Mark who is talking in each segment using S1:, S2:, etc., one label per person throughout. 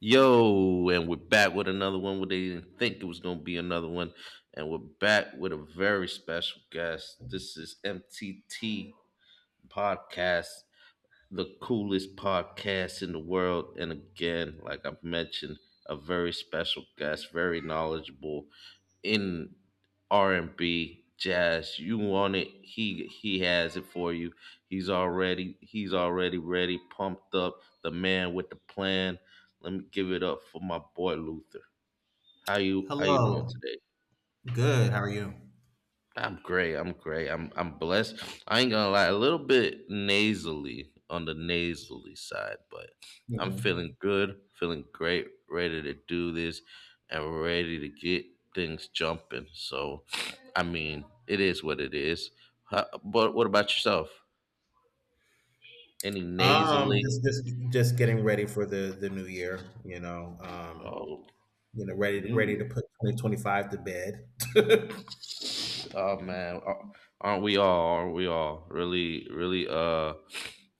S1: Yo, and we're back with another one. What, they didn't think it was gonna be another one, and we're back with a very special guest. This is MTT Podcast, the coolest podcast in the world. And again, like I've mentioned, a very special guest, very knowledgeable, in R and B, jazz. You want it? He has it for you. He's already ready, pumped up. The man with the plan. Let me give it up for my boy Luther. How you doing
S2: Hello.
S1: today?
S2: Good. How are you?
S1: I'm great. I'm great. I'm blessed. I ain't gonna lie, a little bit nasally on the nasally side, but I'm feeling
S2: Mhm.
S1: good, feeling great, ready to do this, and ready to get things jumping. So, I mean, it is what it is. How, but what about yourself? Any
S2: Um,
S1: nasally?
S2: just just just getting ready for the new year.
S1: Oh,
S2: Ready
S1: new
S2: ready to
S1: year.
S2: put 2025 to bed.
S1: Oh man, aren't we all? Aren't we all? Really, really,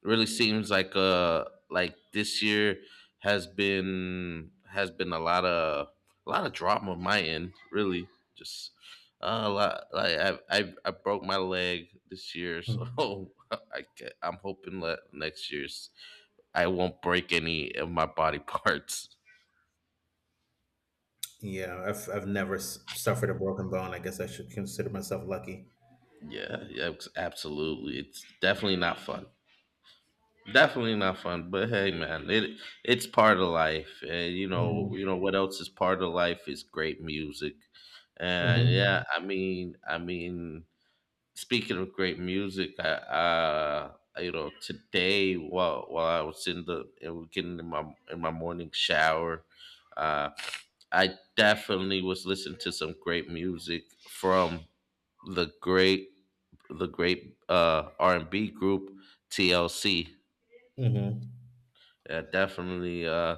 S1: really seems like this year has been a lot of drama on my end. Really, just a lot. Like I broke my leg this year, so
S2: Hmm.
S1: I'm hoping that next year's I won't break any of my body parts.
S2: Yeah, I've never suffered a broken bone. I guess I should consider myself lucky.
S1: Yeah, yeah, absolutely. It's definitely not fun. Definitely not fun, but hey, man, it's part of life, and
S2: Mhm.
S1: you know what else is part of life is great music, and yeah,
S2: Mhm.
S1: speaking of great music, I, you know, today while I was in the it was getting in my morning shower, uh, I definitely was listening to some great music from the great the great R and B group TLC.
S2: Mhm.
S1: Yeah, definitely. Uh,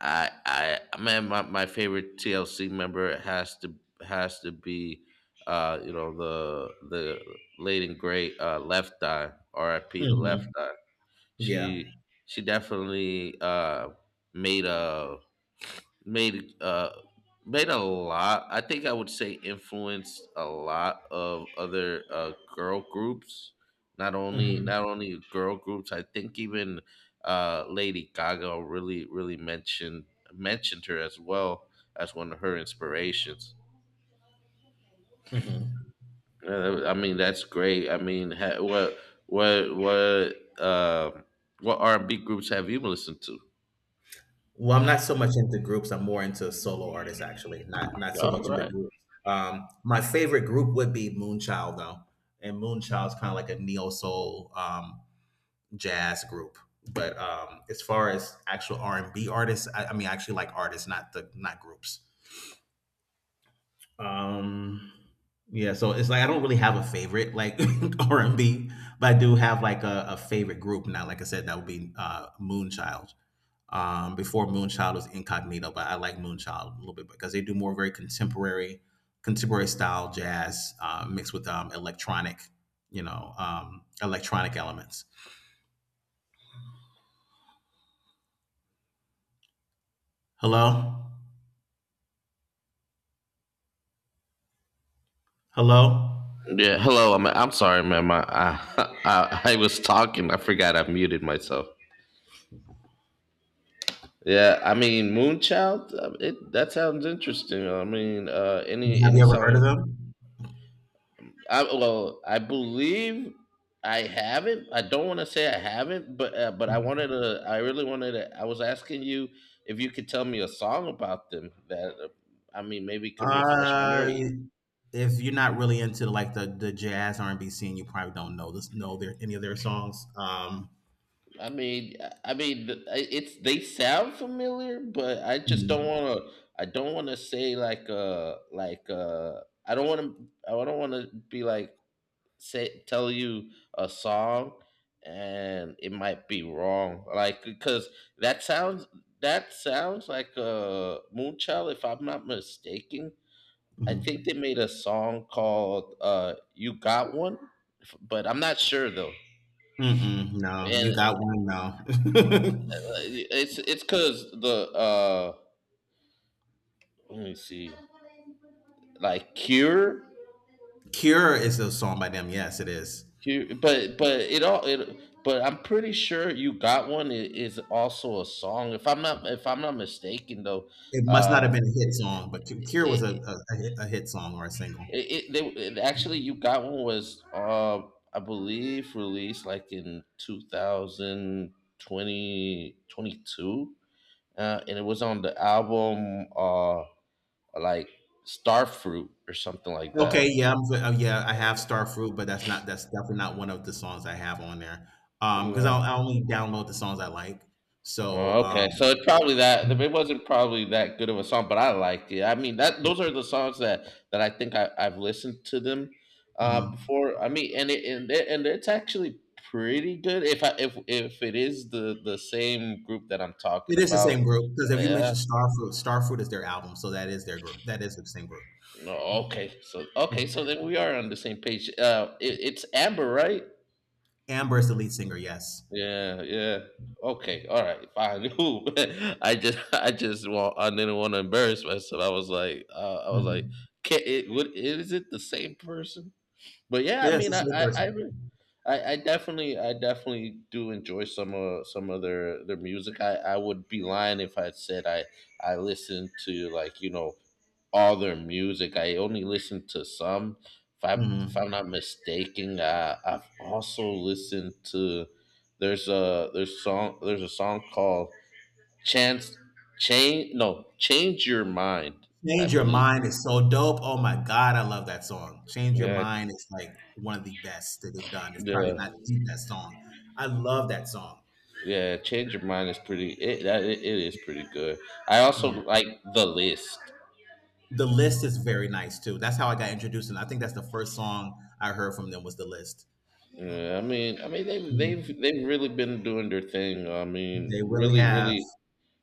S1: I, I, Man, my favorite TLC member has to be, you know, the late and great Left Eye, R.I.P. to Left
S2: Mhm.
S1: Eye.
S2: Yeah.
S1: She she definitely made a made uh made a lot. I think I would say influenced a lot of other girl groups,
S2: Mhm.
S1: not only girl groups. I think even Lady Gaga really really mentioned her as well as one of her inspirations.
S2: Mhm.
S1: I mean, that's great. I mean, what r&b groups have you listened to?
S2: Well, I'm not so much into groups. I'm more into solo artists, actually. Not so much
S1: All
S2: into
S1: right.
S2: groups. My favorite group would be Moonchild, though, and Moonchild's kind of like a neo soul jazz group. But as far as actual R and B artists, I mean, I actually like artists, not the not groups. Um, yeah, so it's like I don't really have a favorite like R and B, but I do have like a favorite group now. Like I said, that would be Moonchild. Before Moonchild was Incognito, but I like Moonchild a little bit because they do more very contemporary style jazz mixed with electronic, electronic elements. Hello, hello.
S1: Yeah, hello. I'm sorry, ma'am. I I was talking. I forgot I muted myself. Yeah, I mean, Moonchild. It that sounds interesting. I mean,
S2: Have you
S1: any
S2: ever heard
S1: song.
S2: of
S1: I, well, I believe I haven't. I don't want to say I haven't, but I
S2: them?
S1: wanted to. I really wanted to. I was asking you if you could tell me a song about them that I mean maybe could refresh my
S2: Uh,
S1: memory.
S2: if you're not really into like the jazz R and B scene, you probably don't know their any of their songs.
S1: It's they sound familiar, but I just don't
S2: Mm,
S1: want to. I don't want to say I don't want to. I don't want to be like say tell you a song and it might be wrong. Like because that sounds that sounds like Moonchild. If I'm not mistaken, I
S2: mm,
S1: think they made a song called "You Got One," but I'm not sure though.
S2: mm-mm, no, you
S1: And
S2: got one. No,
S1: it's because the let me see, like "Cure."
S2: Cure is a song by them. Yes, it is.
S1: But it all it but I'm pretty sure "You Got One" is also a song, if I'm not mistaken though.
S2: It must not
S1: Uh
S2: have been a hit song, but Cure was
S1: it
S2: a a hit song or a
S1: it,
S2: single.
S1: it, they, it Actually, "You Got One" was I believe released like in two thousand 2022, and it was on the album like Starfruit or something like that.
S2: Okay, yeah, yeah, I have Starfruit, but that's definitely not one of the songs I have on there. Because I only download the songs I like. So
S1: Oh, okay, so it's probably that it wasn't probably that good of a song, but I liked it. I mean, that those are the songs that I've listened to them
S2: mhm.
S1: before. I mean, and it's actually pretty good, if I if it is the same group that I'm talking
S2: It is the
S1: about.
S2: same group because if you
S1: Yeah.
S2: mentioned Starfruit, Starfruit is their album, so that is their group. That is the same group.
S1: No. Okay. So okay. So then we are on the same page. It's Amber, right?
S2: Amber is the lead singer. Yes.
S1: Yeah, yeah. Okay, all right, fine. Ooh, I just want, I didn't want to embarrass myself. I was like,
S2: Hmm.
S1: can it, what, is it the same person? But yeah, I
S2: Yes,
S1: mean,
S2: it's the same person.
S1: I definitely do enjoy some of their music. I would be lying if I said I listen to like, you know, all their music. I only listened to some.
S2: Hmm.
S1: If I'm not mistaken, I've also listened to there's a song called Chance Change no "Change Your Mind." I
S2: Change Your
S1: believe.
S2: Mind is so dope. Oh my god, I love that song. Change Your
S1: Yeah,
S2: Mind is like one of the best that they've done. It's probably
S1: yeah,
S2: not the best song. I love that song.
S1: yeah. "Change Your Mind" is pretty. It, that- it is pretty good. I also
S2: Mhm.
S1: like "The List."
S2: The List is very nice too. That's how I got introduced, and I think that's the first song I heard from them was The List.
S1: Yeah, I mean,
S2: Mhm.
S1: they've really been doing their thing. I mean,
S2: They really
S1: really,
S2: have.
S1: really.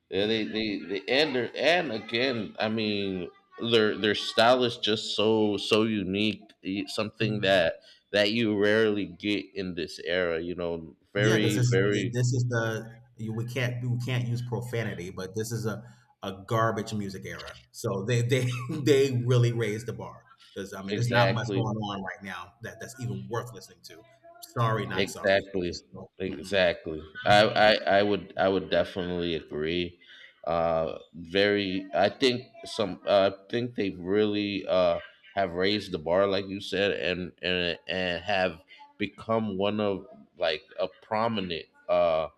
S1: Yeah, they and again, I mean, their style is just so unique. Something that that you rarely get in this era. You know,
S2: Yeah, because
S1: very
S2: this
S1: very
S2: this is the you, we can't use profanity, but this is a garbage music era. So they they really raised the bar because I mean there's not much
S1: exactly.
S2: going on right now that that's even worth listening to. Sorry, not sorry.
S1: Exactly.
S2: Just no. Mm-mm.
S1: Exactly. I, I, I would definitely agree. Very. I think some. I think they really have raised the bar, like you said, and have become one of like a prominent uh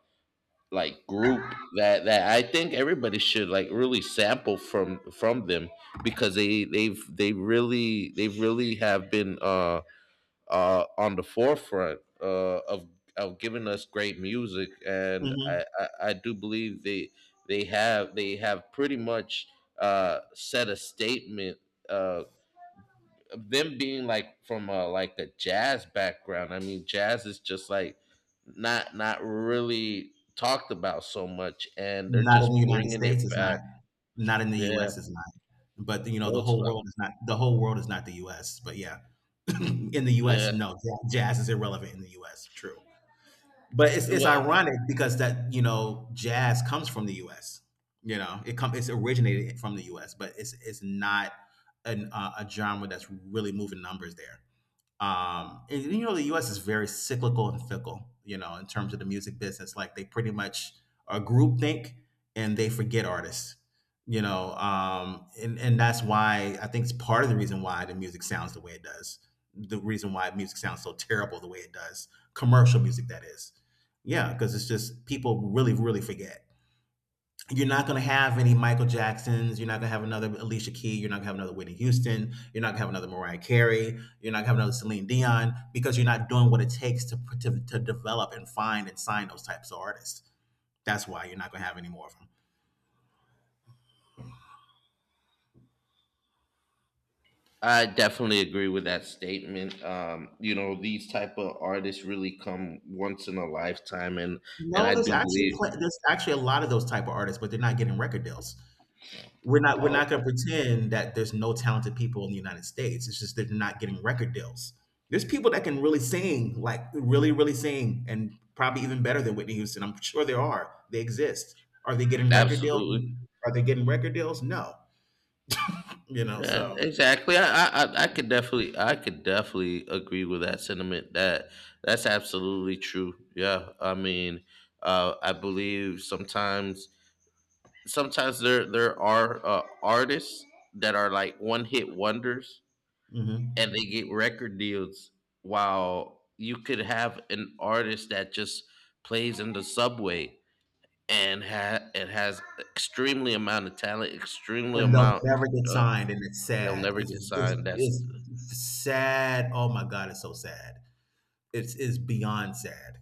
S1: like group that that I think everybody should like really sample from them because they really have been on the forefront of giving us great music, and
S2: Hmm.
S1: I do believe they have pretty much set a statement. Uh, Them being like from a, like a jazz background. I mean, jazz is just like not really talked about so much, and they're
S2: Not in the
S1: just
S2: United
S1: bringing it
S2: States. It's not.
S1: back.
S2: Not in the
S1: Yeah.
S2: U.S. It's not. But you know
S1: Well,
S2: the
S1: it's
S2: whole world is not. The whole world is not the U.S. But yeah, in the U.S.
S1: yeah.
S2: No, jazz is irrelevant in the U.S. True. But it's
S1: Well,
S2: ironic because that, you know, jazz comes from the US. You know, it's originated from the US, but it's not an a genre that's really moving numbers there. And you know, the U.S. is very cyclical and fickle. You know, in terms of the music business, like they pretty much are groupthink and they forget artists. You know, and that's why I think it's part of the reason why the music sounds the way it does. The reason why music sounds so terrible the way it does, commercial music that is. Yeah, because it's just people really, really forget you're not going to have any Michael Jacksons. You're not going to have another Alicia Key. You're not going to have another Whitney Houston. You're not going to have another Mariah Carey. You're not going to have another Celine Dion because you're not doing what it takes to develop and find and sign those types of artists. That's why you're not going to have any more of them.
S1: I definitely agree with that statement. You know, these type of artists really come once in a lifetime, and
S2: No,
S1: I do
S2: there's actually
S1: believe.
S2: a lot of those type of artists, but they're not getting record deals. We're
S1: Oh,
S2: not going to pretend that there's no talented people in the United States. It's just they're not getting record deals. There's people that can really sing, like really, really sing, and probably even better than Whitney Houston. I'm sure there are. They exist. Are they getting record deals?
S1: absolutely.
S2: Are they getting record deals? No. You know,
S1: Yeah,
S2: so
S1: exactly. I could definitely agree with that sentiment. That's absolutely true. Yeah, I mean, I believe sometimes there are artists that are like one hit wonders,
S2: mhm.
S1: and they get record deals, while you could have an artist that just plays in the subway and and has extremely amount of talent, extremely
S2: And they'll
S1: amount.
S2: never get
S1: uh,
S2: signed, and it's
S1: they'll
S2: sad.
S1: never get signed. That's
S2: It's sad. Oh my God, it's so sad. It's is beyond sad.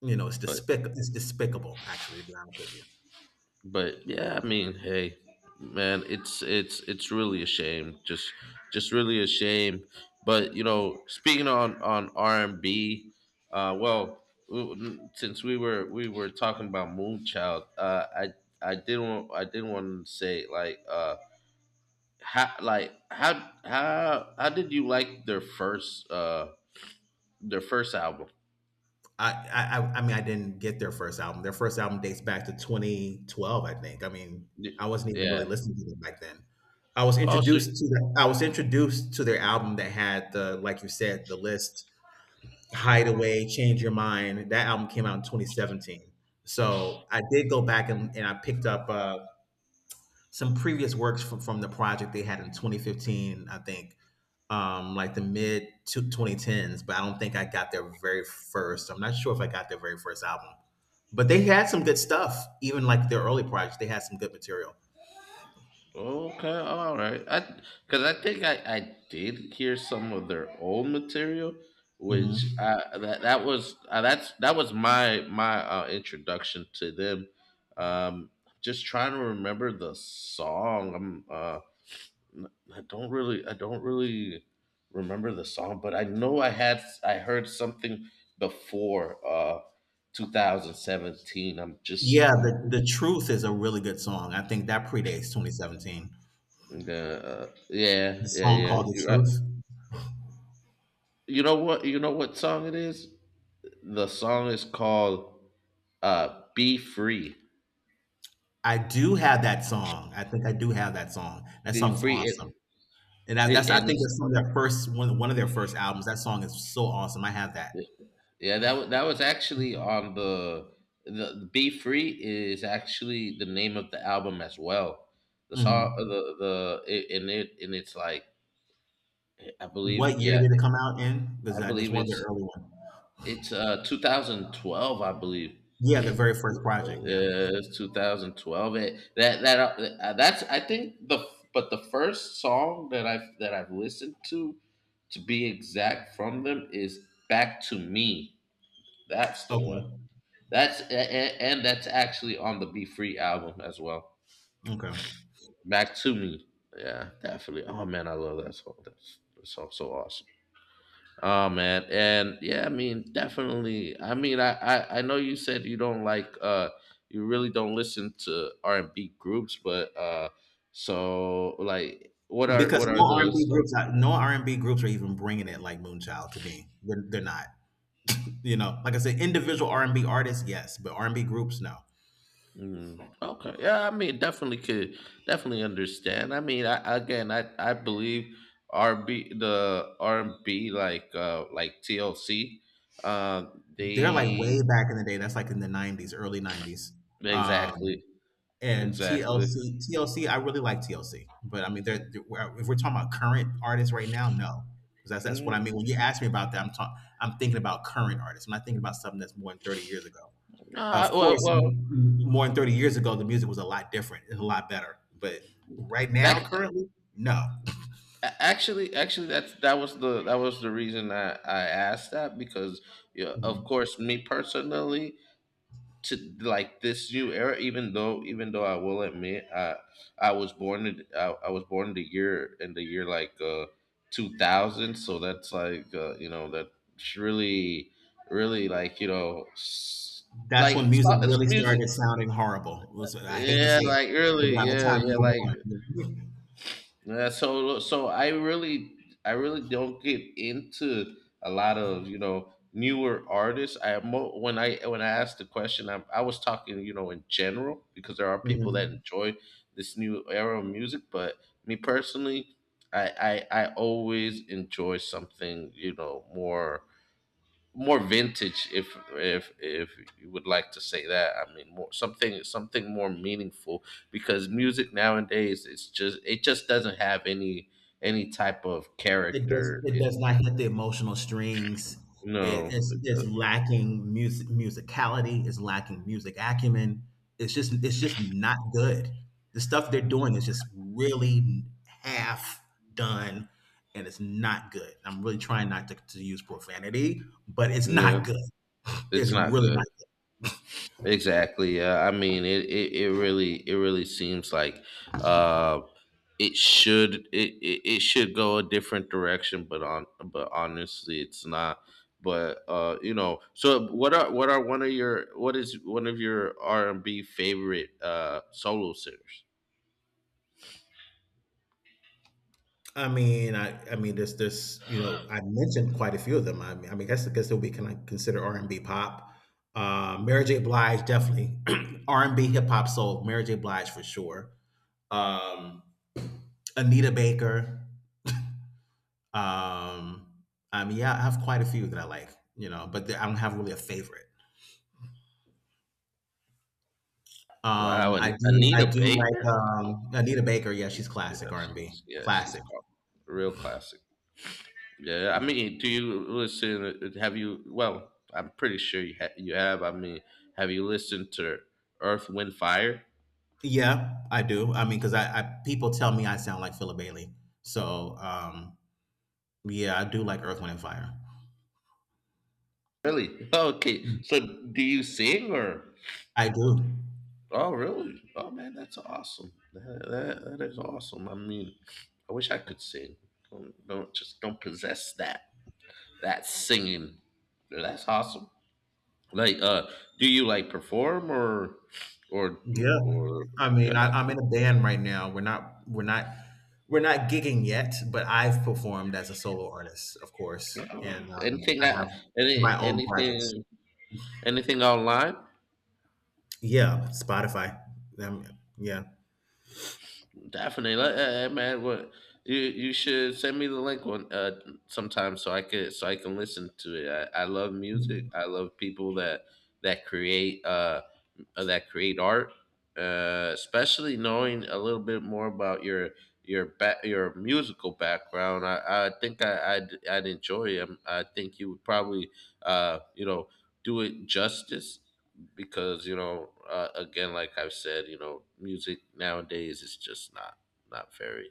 S2: You know,
S1: uh,
S2: it's despicable, actually, to be honest with you.
S1: but yeah, I mean, hey man, it's really a shame. Just really a shame. But you know, speaking on r&b, uh well since we were talking about Moonchild, I didn't want, I didn't want to say like how did you like their first album?
S2: I didn't get their first album. Their first album dates back to 2012, I think. I mean, I
S1: Y-
S2: wasn't even really
S1: yeah.
S2: listening to them back then.
S1: Oh so.
S2: I was introduced to their album that had the like you said the list Hideaway, Change Your Mind. That album came out in 2017. So I did go back and I picked up some previous works from the project they had in 2015, I think, like the mid to 2010s, but I don't think I got their very first. I'm not sure if I got their very first album, but they had some good stuff. Even like their early projects, they had some good material.
S1: Okay, all right. I because I think I did hear some of their old material, which
S2: Hmm.
S1: that was that was my my introduction to them. Um, just trying to remember the song. I don't really remember the song, but I know I heard something before 2017. I'm
S2: Yeah,
S1: just I'm going
S2: the truth is a really good song. I think that predates 2017.
S1: Uh, yeah
S2: The
S1: yeah
S2: song
S1: yeah.
S2: called "The
S1: You're right.
S2: Truth."
S1: You know what? You know what song it is? The song is called "Be Free."
S2: I do have that song. I think I do have that song. That
S1: Be
S2: song is
S1: free.
S2: awesome.
S1: It,
S2: And that's
S1: it
S2: I
S1: and
S2: think
S1: it's
S2: that's some of their first one one of their first albums. That song is so awesome. I have that.
S1: Yeah. That was actually on the "Be Free" is actually the name of the album as well. The song,
S2: Mhm.
S1: the it, and it and it's like I believe,
S2: What year
S1: yeah,
S2: did it come out in? Because
S1: I
S2: that is
S1: believe
S2: one of their
S1: it's
S2: early ones.
S1: 2012 I believe.
S2: Yeah, the very first project. Yeah.
S1: It's 2012. It, that that that's I think the But the first song that I've listened to be exact, from them is "Back to Me." That's the one.
S2: Okay.
S1: That's and, and that's actually on the Be Free album as well.
S2: Okay.
S1: "Back to Me." Yeah, definitely. Oh man, I love that song. That song's so awesome. Oh man, and yeah, I mean, definitely. I mean, I know you said you don't like you really don't listen to R and B groups, but what
S2: Because
S1: are
S2: no R and
S1: the
S2: B groups, no R and B groups are even bringing it like Moonchild to me. They're not. You know, like I said, individual R and B artists, yes, but R and B groups, no.
S1: mm, okay? Yeah, I mean, definitely understand. I mean, I again, I believe R and B, like TLC, uh
S2: They're like way
S1: they
S2: back in the day. That's like in the '90s, early '90s. Um,
S1: exactly.
S2: And
S1: Exactly.
S2: TLC, TLC, I really like TLC, but I mean, if we're talking about current artists right now, no, because that's what
S1: Mm,
S2: I mean. When you ask me about that, I'm talking, I'm thinking about current artists. I'm not thinking about something that's more than 30 years ago.
S1: uh,
S2: Of
S1: well
S2: course,
S1: well
S2: more than 30 years ago, the music was a lot different, and a lot better. But right now,
S1: that
S2: currently, no.
S1: actually, that was the reason I asked that because yeah, of course, me personally, to like this new era, even though I will admit, I was born in I was born in the year like 2000, so that's you know that's really
S2: That's when music
S1: it's
S2: really
S1: music,
S2: started sounding horrible. I hate to
S1: yeah,
S2: say it,
S1: like
S2: but
S1: really,
S2: by the
S1: yeah,
S2: time you
S1: yeah, like.
S2: were born,
S1: Yeah, so I really don't get into a lot of newer artists. When I asked the question, I was talking, you know, in general, because there are people that
S2: mhm.
S1: enjoy this new era of music, but me personally, I always enjoy something, you know, more vintage, if you would like to say that. I mean, more something, more meaningful, because music nowadays it just doesn't have any type of
S2: It does.
S1: character
S2: It
S1: it,
S2: does not hit the emotional strings.
S1: no
S2: It's
S1: uh,
S2: lacking music musicality. It's lacking music acumen. It's just not good. The stuff they're doing is just really half done, and it's not good. I'm really trying not to use profanity, but it's not
S1: no,
S2: good.
S1: it's
S2: It's
S1: not
S2: really
S1: good.
S2: not.
S1: Exactly. Yeah, I mean, it really seems like, um it should it should go a different direction, but honestly it's not. But you know, so what are one of your what is one of your R&B favorite solo singers?
S2: There's you know, I mentioned quite a few of them. I mean, guess they'll be kind of considered R and B pop. Mary J. Blige definitely R and B hip hop soul. Mary J. Blige for sure. Um, Anita Baker. Um, I mean, yeah, I have quite a few that I like, you know, I don't have really a favorite.
S1: Wow, and
S2: I
S1: Anita
S2: do
S1: Baker.
S2: like Anita Baker. Yeah, she's classic
S1: Yeah,
S2: R and B,
S1: she's yeah she's
S2: classic.
S1: cla- real classic. Yeah, I mean, do you listen, have you well, I'm pretty sure you, you have. I mean, have you listened to Earth, Wind, Fire?
S2: Yeah, I do. I mean, because I people tell me I sound like Philip Bailey, so yeah, I do like Earth, Wind, and Fire.
S1: Really? Okay, so do you sing, or...
S2: I do.
S1: Oh, really? Oh, man, that's awesome. That is awesome. I mean, I wish I could sing. Don't just don't possess that singing. That's awesome. Like, uh, do you like perform, or
S2: Yeah,
S1: or...
S2: I mean, I'm in a band right now. We're not gigging yet, but I've performed as a solo artist, of course,
S1: yeah,
S2: and I
S1: anything?
S2: have
S1: Any
S2: my own projects.
S1: anything, anything online?
S2: Yeah, Spotify. Um, yeah.
S1: Definitely. Man, what, you should send me the link one sometime, so I could so I can listen to it. I love music. I love people that create. That create art, especially knowing a little bit more about your back your musical background. I think I'd I'd enjoy him. I think you would probably uh, you know do it justice, because again, like I've said, you know, music nowadays is just not very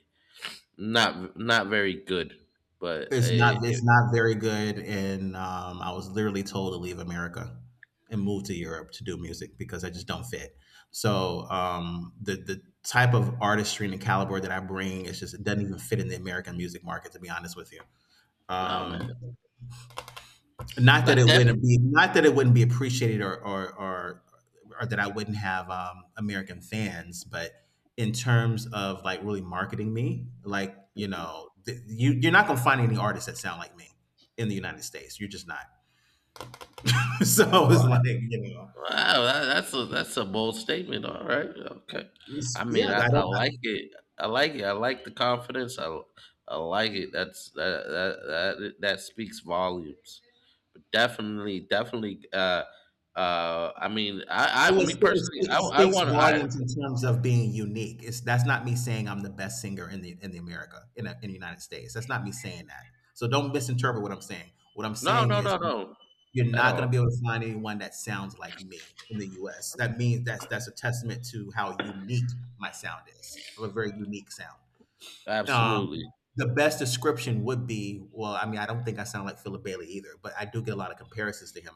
S1: not not very good. But it,
S2: It's
S1: it,
S2: not very good, and I was literally told to leave America and move to Europe to do music because I just don't fit. So the type of artistry and the caliber that I bring is just it doesn't even fit in the American music market. To be honest with you,
S1: no, man,
S2: um,
S1: not that.
S2: not that it wouldn't be appreciated or that I wouldn't have American fans, but in terms of like really marketing me, like you know, you you're not gonna find any artists that sound like me in the United States. You're just not. So it's
S1: Oh,
S2: like you know,
S1: wow, that's a bold statement. All right, okay. I mean,
S2: yeah, I
S1: I
S2: don't.
S1: like it. I like it. I like the confidence. I like it. That's that speaks volumes. Definitely, definitely. I mean, I me personally,
S2: It
S1: I
S2: speaks
S1: want to. I
S2: volumes in terms of being unique. It's that's not me saying I'm the best singer in the America in the United States. That's not me saying that. So don't misinterpret what I'm saying. What I'm
S1: No,
S2: saying
S1: no,
S2: is,
S1: no, no,
S2: you're
S1: at
S2: not going
S1: all.
S2: to be able to find anyone that sounds like me in the U.S. That means that's a testament to how unique my sound is. I have a very unique sound. Um,
S1: Absolutely.
S2: the best description would be, well, I mean, I don't think I sound like Philip Bailey either, but I do get a lot of comparisons to him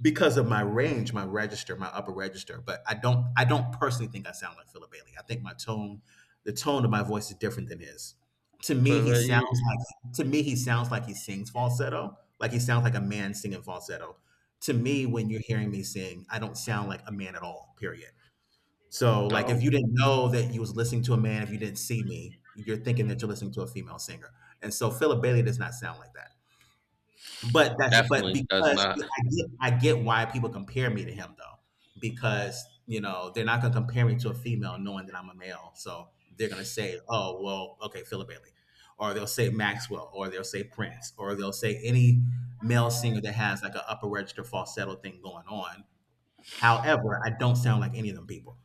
S2: because of my range, my register, my upper register. But I don't personally think I sound like Philip Bailey. I think the tone of my voice is different than his.
S1: So you
S2: To me, he sounds like he sings falsetto, like he sounds like a man singing falsetto. To me, when you're hearing me sing, I don't sound like a man at all. Period. So, like,
S1: No,
S2: if you didn't know that you was listening to a man, if you didn't see me, you're thinking that you're listening to a female singer. And so, Philip Bailey does not sound like that. But that's but
S1: definitely
S2: because
S1: does not.
S2: I get why people compare me to him though, because you know they're not gonna compare me to a female knowing that I'm a male. So they're gonna say, oh well, okay, Philip Bailey, or they'll say Maxwell, or they'll say Prince, or they'll say any male singer that has like an upper register falsetto thing going on. However, I don't sound like any of them people.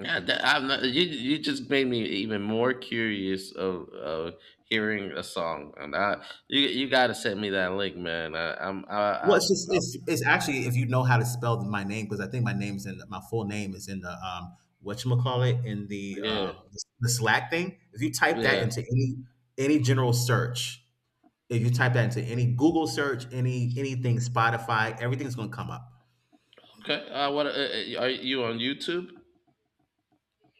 S1: Yeah, I'm not, you just made me even more curious of, hearing a song, and I you, you gotta send me that link, man. I, I'm
S2: Well,
S1: I
S2: it's just
S1: I'll be...
S2: it's actually, if you know how to spell my name, because I think my full name is in the whatchamacallit, in
S1: yeah,
S2: the Slack thing. If you type that
S1: yeah.
S2: into any general search, if you type that into any Google search, any anything Spotify, everything's gonna come up.
S1: Okay. What are you on YouTube?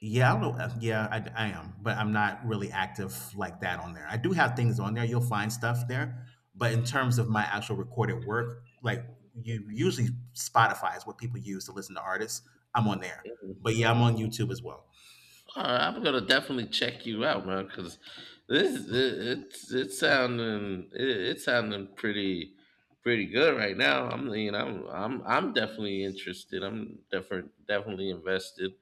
S2: Yeah, I don't know. Yeah, I am, but I'm not really active like that on there. I do have things on there. You'll find stuff there, but in terms of my actual recorded work, like you usually Spotify is what people use to listen to artists. I'm on there, but yeah, I'm on YouTube as well.
S1: All right, I'm gonna definitely check you out, man, because it's it's sounding pretty good right now. I'm you know I'm definitely interested. I'm different definitely invested.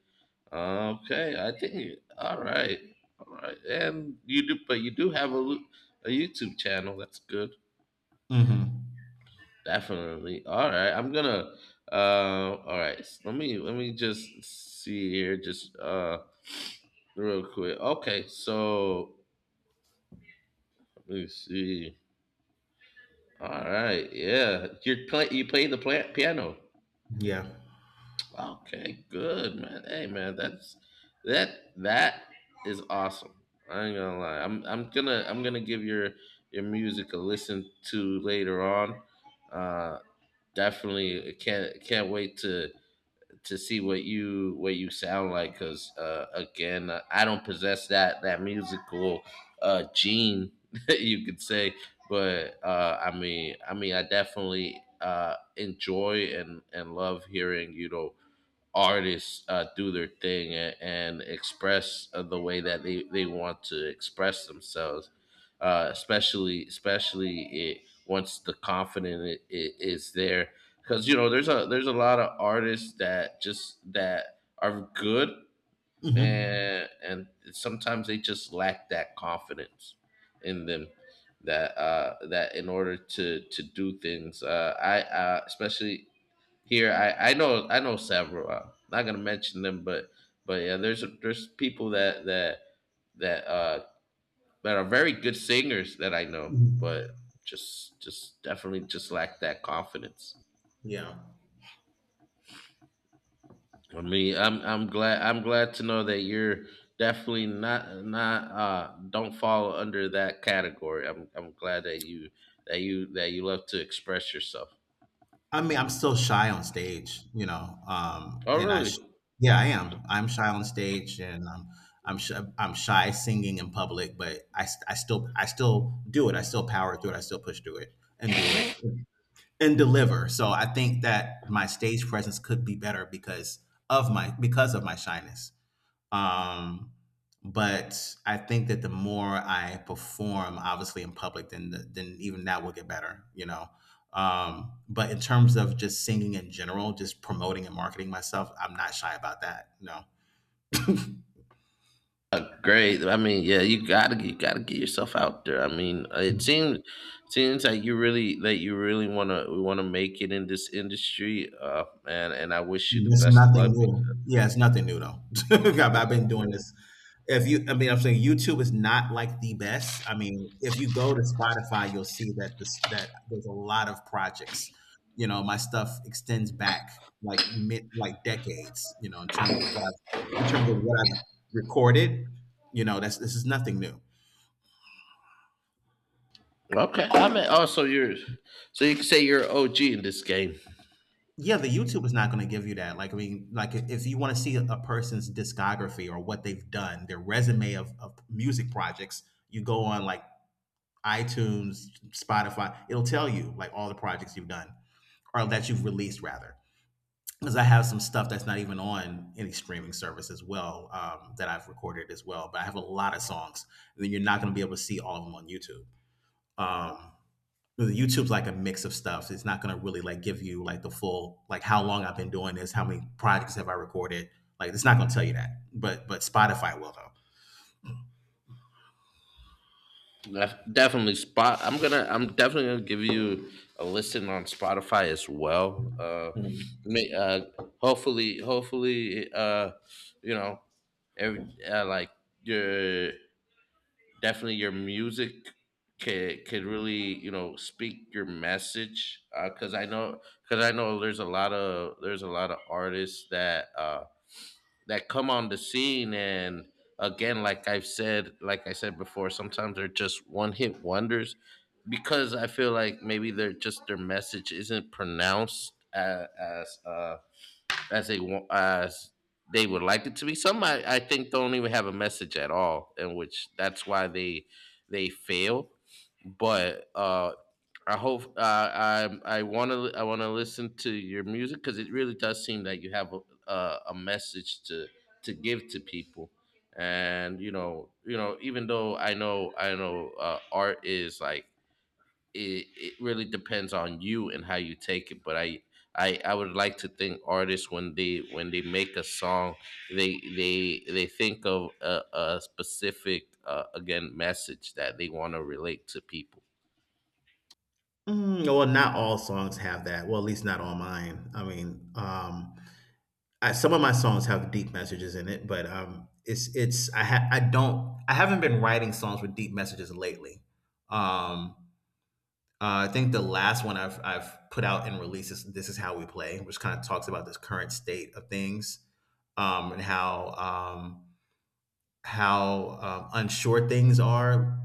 S1: Okay, I think, all right, and you do, but you do have a YouTube channel. That's good,
S2: Hmm.
S1: definitely. All right, I'm gonna. Let me just see here, just real quick. Okay, so let me see. All right, yeah, you're play the piano.
S2: Yeah.
S1: Okay, good, man. Hey, man, that's that is awesome. I ain't gonna lie. I'm gonna give your music a listen to later on. Uh definitely can't wait to see what you, what you sound like, cuz again, I don't possess that musical gene, you could say, but I mean, I mean, I definitely enjoy and love hearing, you know, artists do their thing, and express, the way that they want to express themselves, especially once the confidence is there, because you know there's a lot of artists that just that are good
S2: Hmm.
S1: and sometimes they just lack that confidence in them, that that, in order to do things, I especially here, I know, I know several. I'm not gonna mention them, but yeah, there's people that that uh that are very good singers that I know, but just definitely just lack that confidence.
S2: Yeah.
S1: I mean, I'm glad, I'm glad to know that you're definitely not, don't fall under that category. I'm glad that you, that you love to express yourself.
S2: I mean, I'm still shy on stage, you know.
S1: Oh, really?
S2: Yeah, I am. I'm shy on stage, and I'm, sh- I'm shy singing in public. But I still do it. I still power through it. I still push through it and do it and deliver. So I think that my stage presence could be better because of because of my shyness. Um, but I think that the more I perform, obviously in public, then then even that will get better, you know. But in terms of just singing in general, just promoting and marketing myself, I'm not shy about that. No.
S1: Great. I mean, yeah, you gotta, get yourself out there. I mean, it seems, like you really, that you really wanna, we wanna make it in this industry. And I wish you the
S2: It's
S1: best of
S2: nothing
S1: luck.
S2: new. Yeah, it's nothing new though. I've
S1: Because...
S2: been doing this. If you, I mean, I'm saying YouTube is not like the best. I mean, if you go to Spotify, you'll see that this that there's a lot of projects. You know, my stuff extends back like mid, like decades. You know, in terms of what I've recorded. You know, that's this is nothing new.
S1: Okay, I mean, oh, so you're, so you can say you're OG in this game.
S2: Yeah, the YouTube is not going to give you that. Like, I mean, like if you want to see a person's discography or what they've done, their resume of music projects, you go on like iTunes, Spotify, it'll tell you like all the projects you've done, or that you've released rather. Because I have some stuff that's not even on any streaming service as well, that I've recorded as well. But I have a lot of songs, and then you're not going to be able to see all of them on YouTube. Um, YouTube's like a mix of stuff. It's not gonna really like give you like the full, like how long I've been doing this, how many projects have I recorded. Like it's not gonna tell you that. But Spotify will
S1: Definitely Spot. I'm definitely gonna give you a listen on Spotify as well.
S2: though. Mm.
S1: May, uh hopefully, hopefully, you know, every, like, your, definitely your music could, really, you know, speak your message, because I know, there's a lot of artists that, that come on the scene, and again, like I've said, like I said before, sometimes they're just one hit wonders, because I feel like maybe they're just, their message isn't pronounced as, as they want, as they would like it to be. Some, I think, don't even have a message at all, and which that's why they fail. But, I want to listen to your music, because it really does seem that you have a, a, message to give to people, and you know, even though I know, art is like, it really depends on you and how you take it, but I would like to think artists, when they, make a song, they think of a, specific, again, message that they want to relate to people.
S2: Mm, well, not all songs have that. Well, at least not all mine. I mean, I, some of my songs have deep messages in it, but it's I don't, I haven't been writing songs with deep messages lately. Um, I think the last one I've put out and released is "This Is How We Play," which kind of talks about this current state of things, and how, um, unsure things are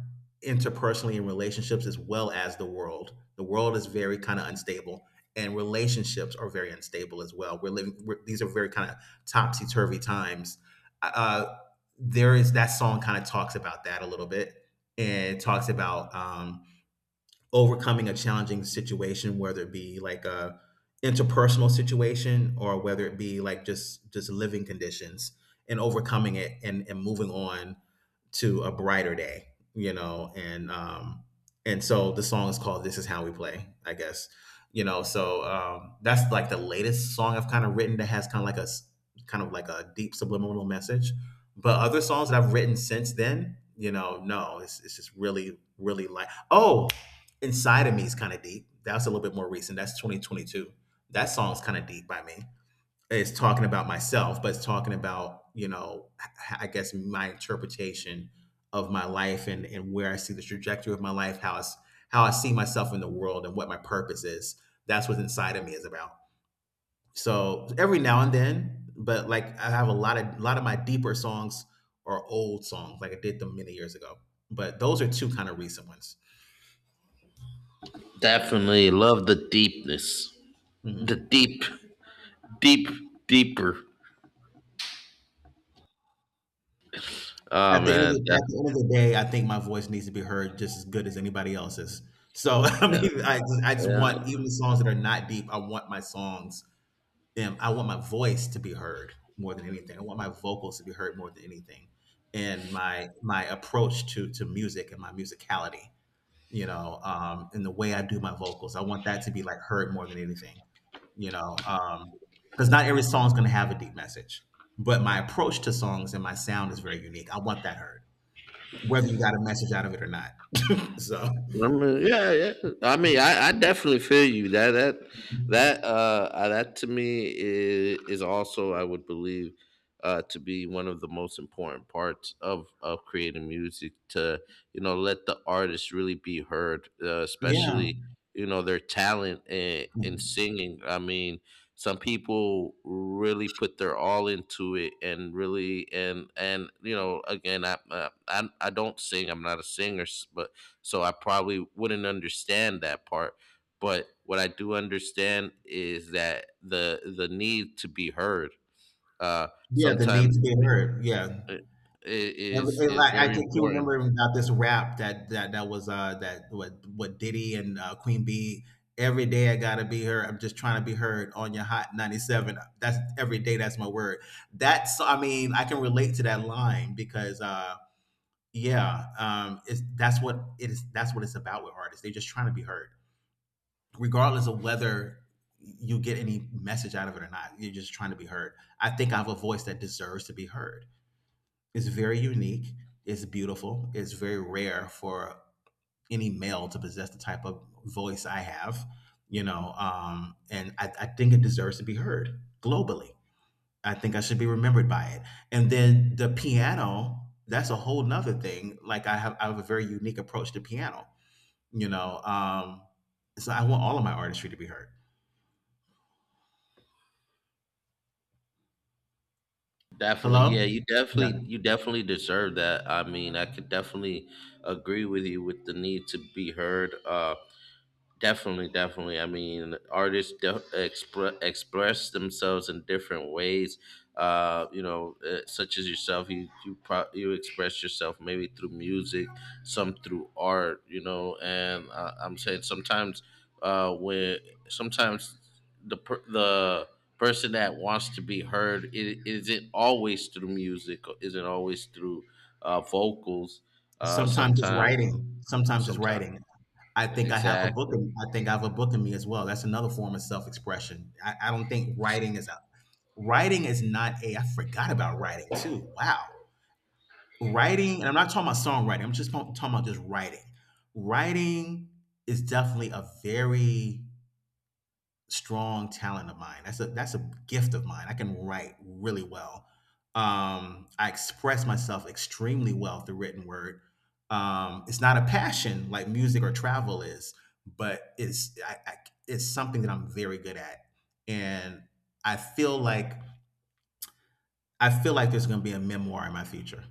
S2: interpersonally in relationships as well as the world. The world is very kind of unstable, and relationships are very unstable as well. We're, these are very kind of topsy turvy times. Uh, uh, there is that song kind of talks about that a little bit, and it talks about, overcoming a challenging situation, whether it be like a interpersonal situation or whether it be like just living conditions and overcoming it, and moving on to a brighter day, you know, and so the song is called This Is How We Play, I guess. You know, so that's like the latest song I've kind of written that has kind of like a deep subliminal message. But other songs that I've written since then, you know, no, it's just really really like, oh, Inside of Me is kind of deep. That's a little bit more recent. That's 2022. That song's kind of deep by me, it's talking about myself, but it's talking about, you know, I guess my interpretation of my life and where I see the trajectory of my life, how I see myself in the world, and what my purpose is. That's what Inside of Me is about. So every now and then, but like I have a lot of my deeper songs are old songs, like I did them many years ago. But those are two kind of recent ones.
S1: Definitely love the deepness,
S2: Mm-hmm.
S1: the deep, deep deeper. Oh, man,
S2: At the end of the day, I think my voice needs to be heard just as good as anybody else's. So I mean, I just
S1: yeah,
S2: want even the songs that are not deep. I want my songs, them. I want my voice to be heard more than anything. I want my vocals to be heard more than anything, and my approach to music and my musicality. You know, and the way I do my vocals, I want that to be like heard more than anything. You know, because not every song's going to have a deep message, but my approach to songs and my sound is very unique. I want that heard whether you got a message out of it or not. So
S1: I mean, yeah. I mean, I definitely feel you. That to me is, also, I would believe, to be one of the most important parts of creating music, to you know, let the artist really be heard,
S2: yeah,
S1: especially, you know, their talent in singing. I mean, some people really put their all into it, and really, and you know, again, I I don't sing. I'm not a singer, but so I probably wouldn't understand that part. But what I do understand is that the need to be heard, uh,
S2: yeah, the need
S1: sometimes,
S2: to be heard. Yeah,
S1: i- is
S2: Every- and
S1: is
S2: like, I
S1: very
S2: can keep
S1: important.
S2: remembering about this rap that that that was that what Diddy and Queen B. Every day I gotta be heard. I'm just trying to be heard on your Hot 97. That's every day. That's my word. That's I mean, I can relate to that line because yeah it's that's what it's about with artists. They're just trying to be heard, regardless of whether you get any message out of it or not. You're just trying to be heard. I think I have a voice that deserves to be heard. It's very unique, it's beautiful, it's very rare for any male to possess the type of voice I have, you know, I think it deserves to be heard globally. I think I should be remembered by it. And then the piano, that's a whole nother thing. Like I have a very unique approach to piano, you know. So I want all of my artistry to be heard.
S1: Definitely,
S2: Hello?
S1: yeah,
S2: Yeah.
S1: you definitely deserve that. I mean, I could definitely agree with you, with the need to be heard. Definitely, definitely. I mean, artists express themselves in different ways. Such as yourself, you, you express yourself maybe through music, some through art. You know, and I'm saying, sometimes, when, sometimes, the person that wants to be heard, is isn't always through music, or isn't always through vocals.
S2: Sometimes it's
S1: Sometimes,
S2: writing. Sometimes it's
S1: sometimes,
S2: writing.
S1: exactly.
S2: I think I have a book in me as well. That's another form of self-expression. I don't think writing is not a. I forgot about writing too. Wow, writing. And I'm not talking about songwriting. I'm just talking about just writing. Writing is definitely a very strong talent of mine. That's a gift of mine. I can write really well. I express myself extremely well through written word. It's not a passion like music or travel is, but it's it's something that I'm very good at, and I feel like I feel like there's going to be a memoir in my future,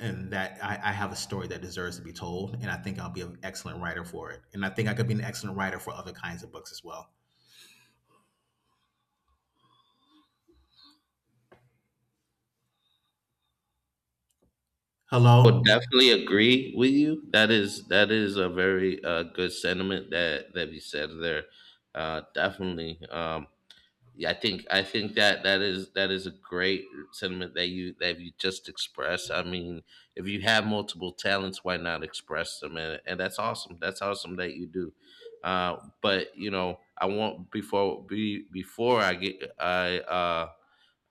S2: and that I have a story that deserves to be told, and I think I'll be an excellent writer for it, and I think I could be an excellent writer for other kinds of books as well.
S1: Would
S2: Hello.
S1: definitely agree with you. That is, that is a very, good sentiment that you said there. Definitely. Yeah, I think that is, that is a great sentiment that you, just expressed. I mean, if you have multiple talents, why not express them? And that's awesome. That's awesome that you do. But you know, I want, before I get I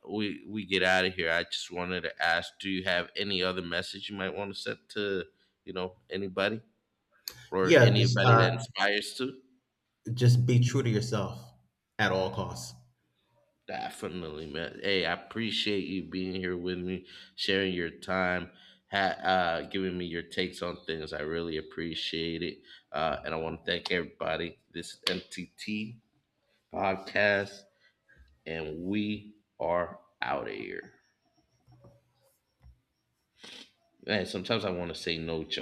S1: we get out of here, I just wanted to ask: do you have any other message you might want to set to, you know, anybody, or
S2: Yeah,
S1: anybody that inspires to?
S2: just be true to yourself at all costs.
S1: Definitely, man. Hey, I appreciate you being here with me, sharing your time, giving me your takes on things. I really appreciate it, and I want to thank everybody. This is MTT podcast, and we are out of here. Man, sometimes I want to say no, John.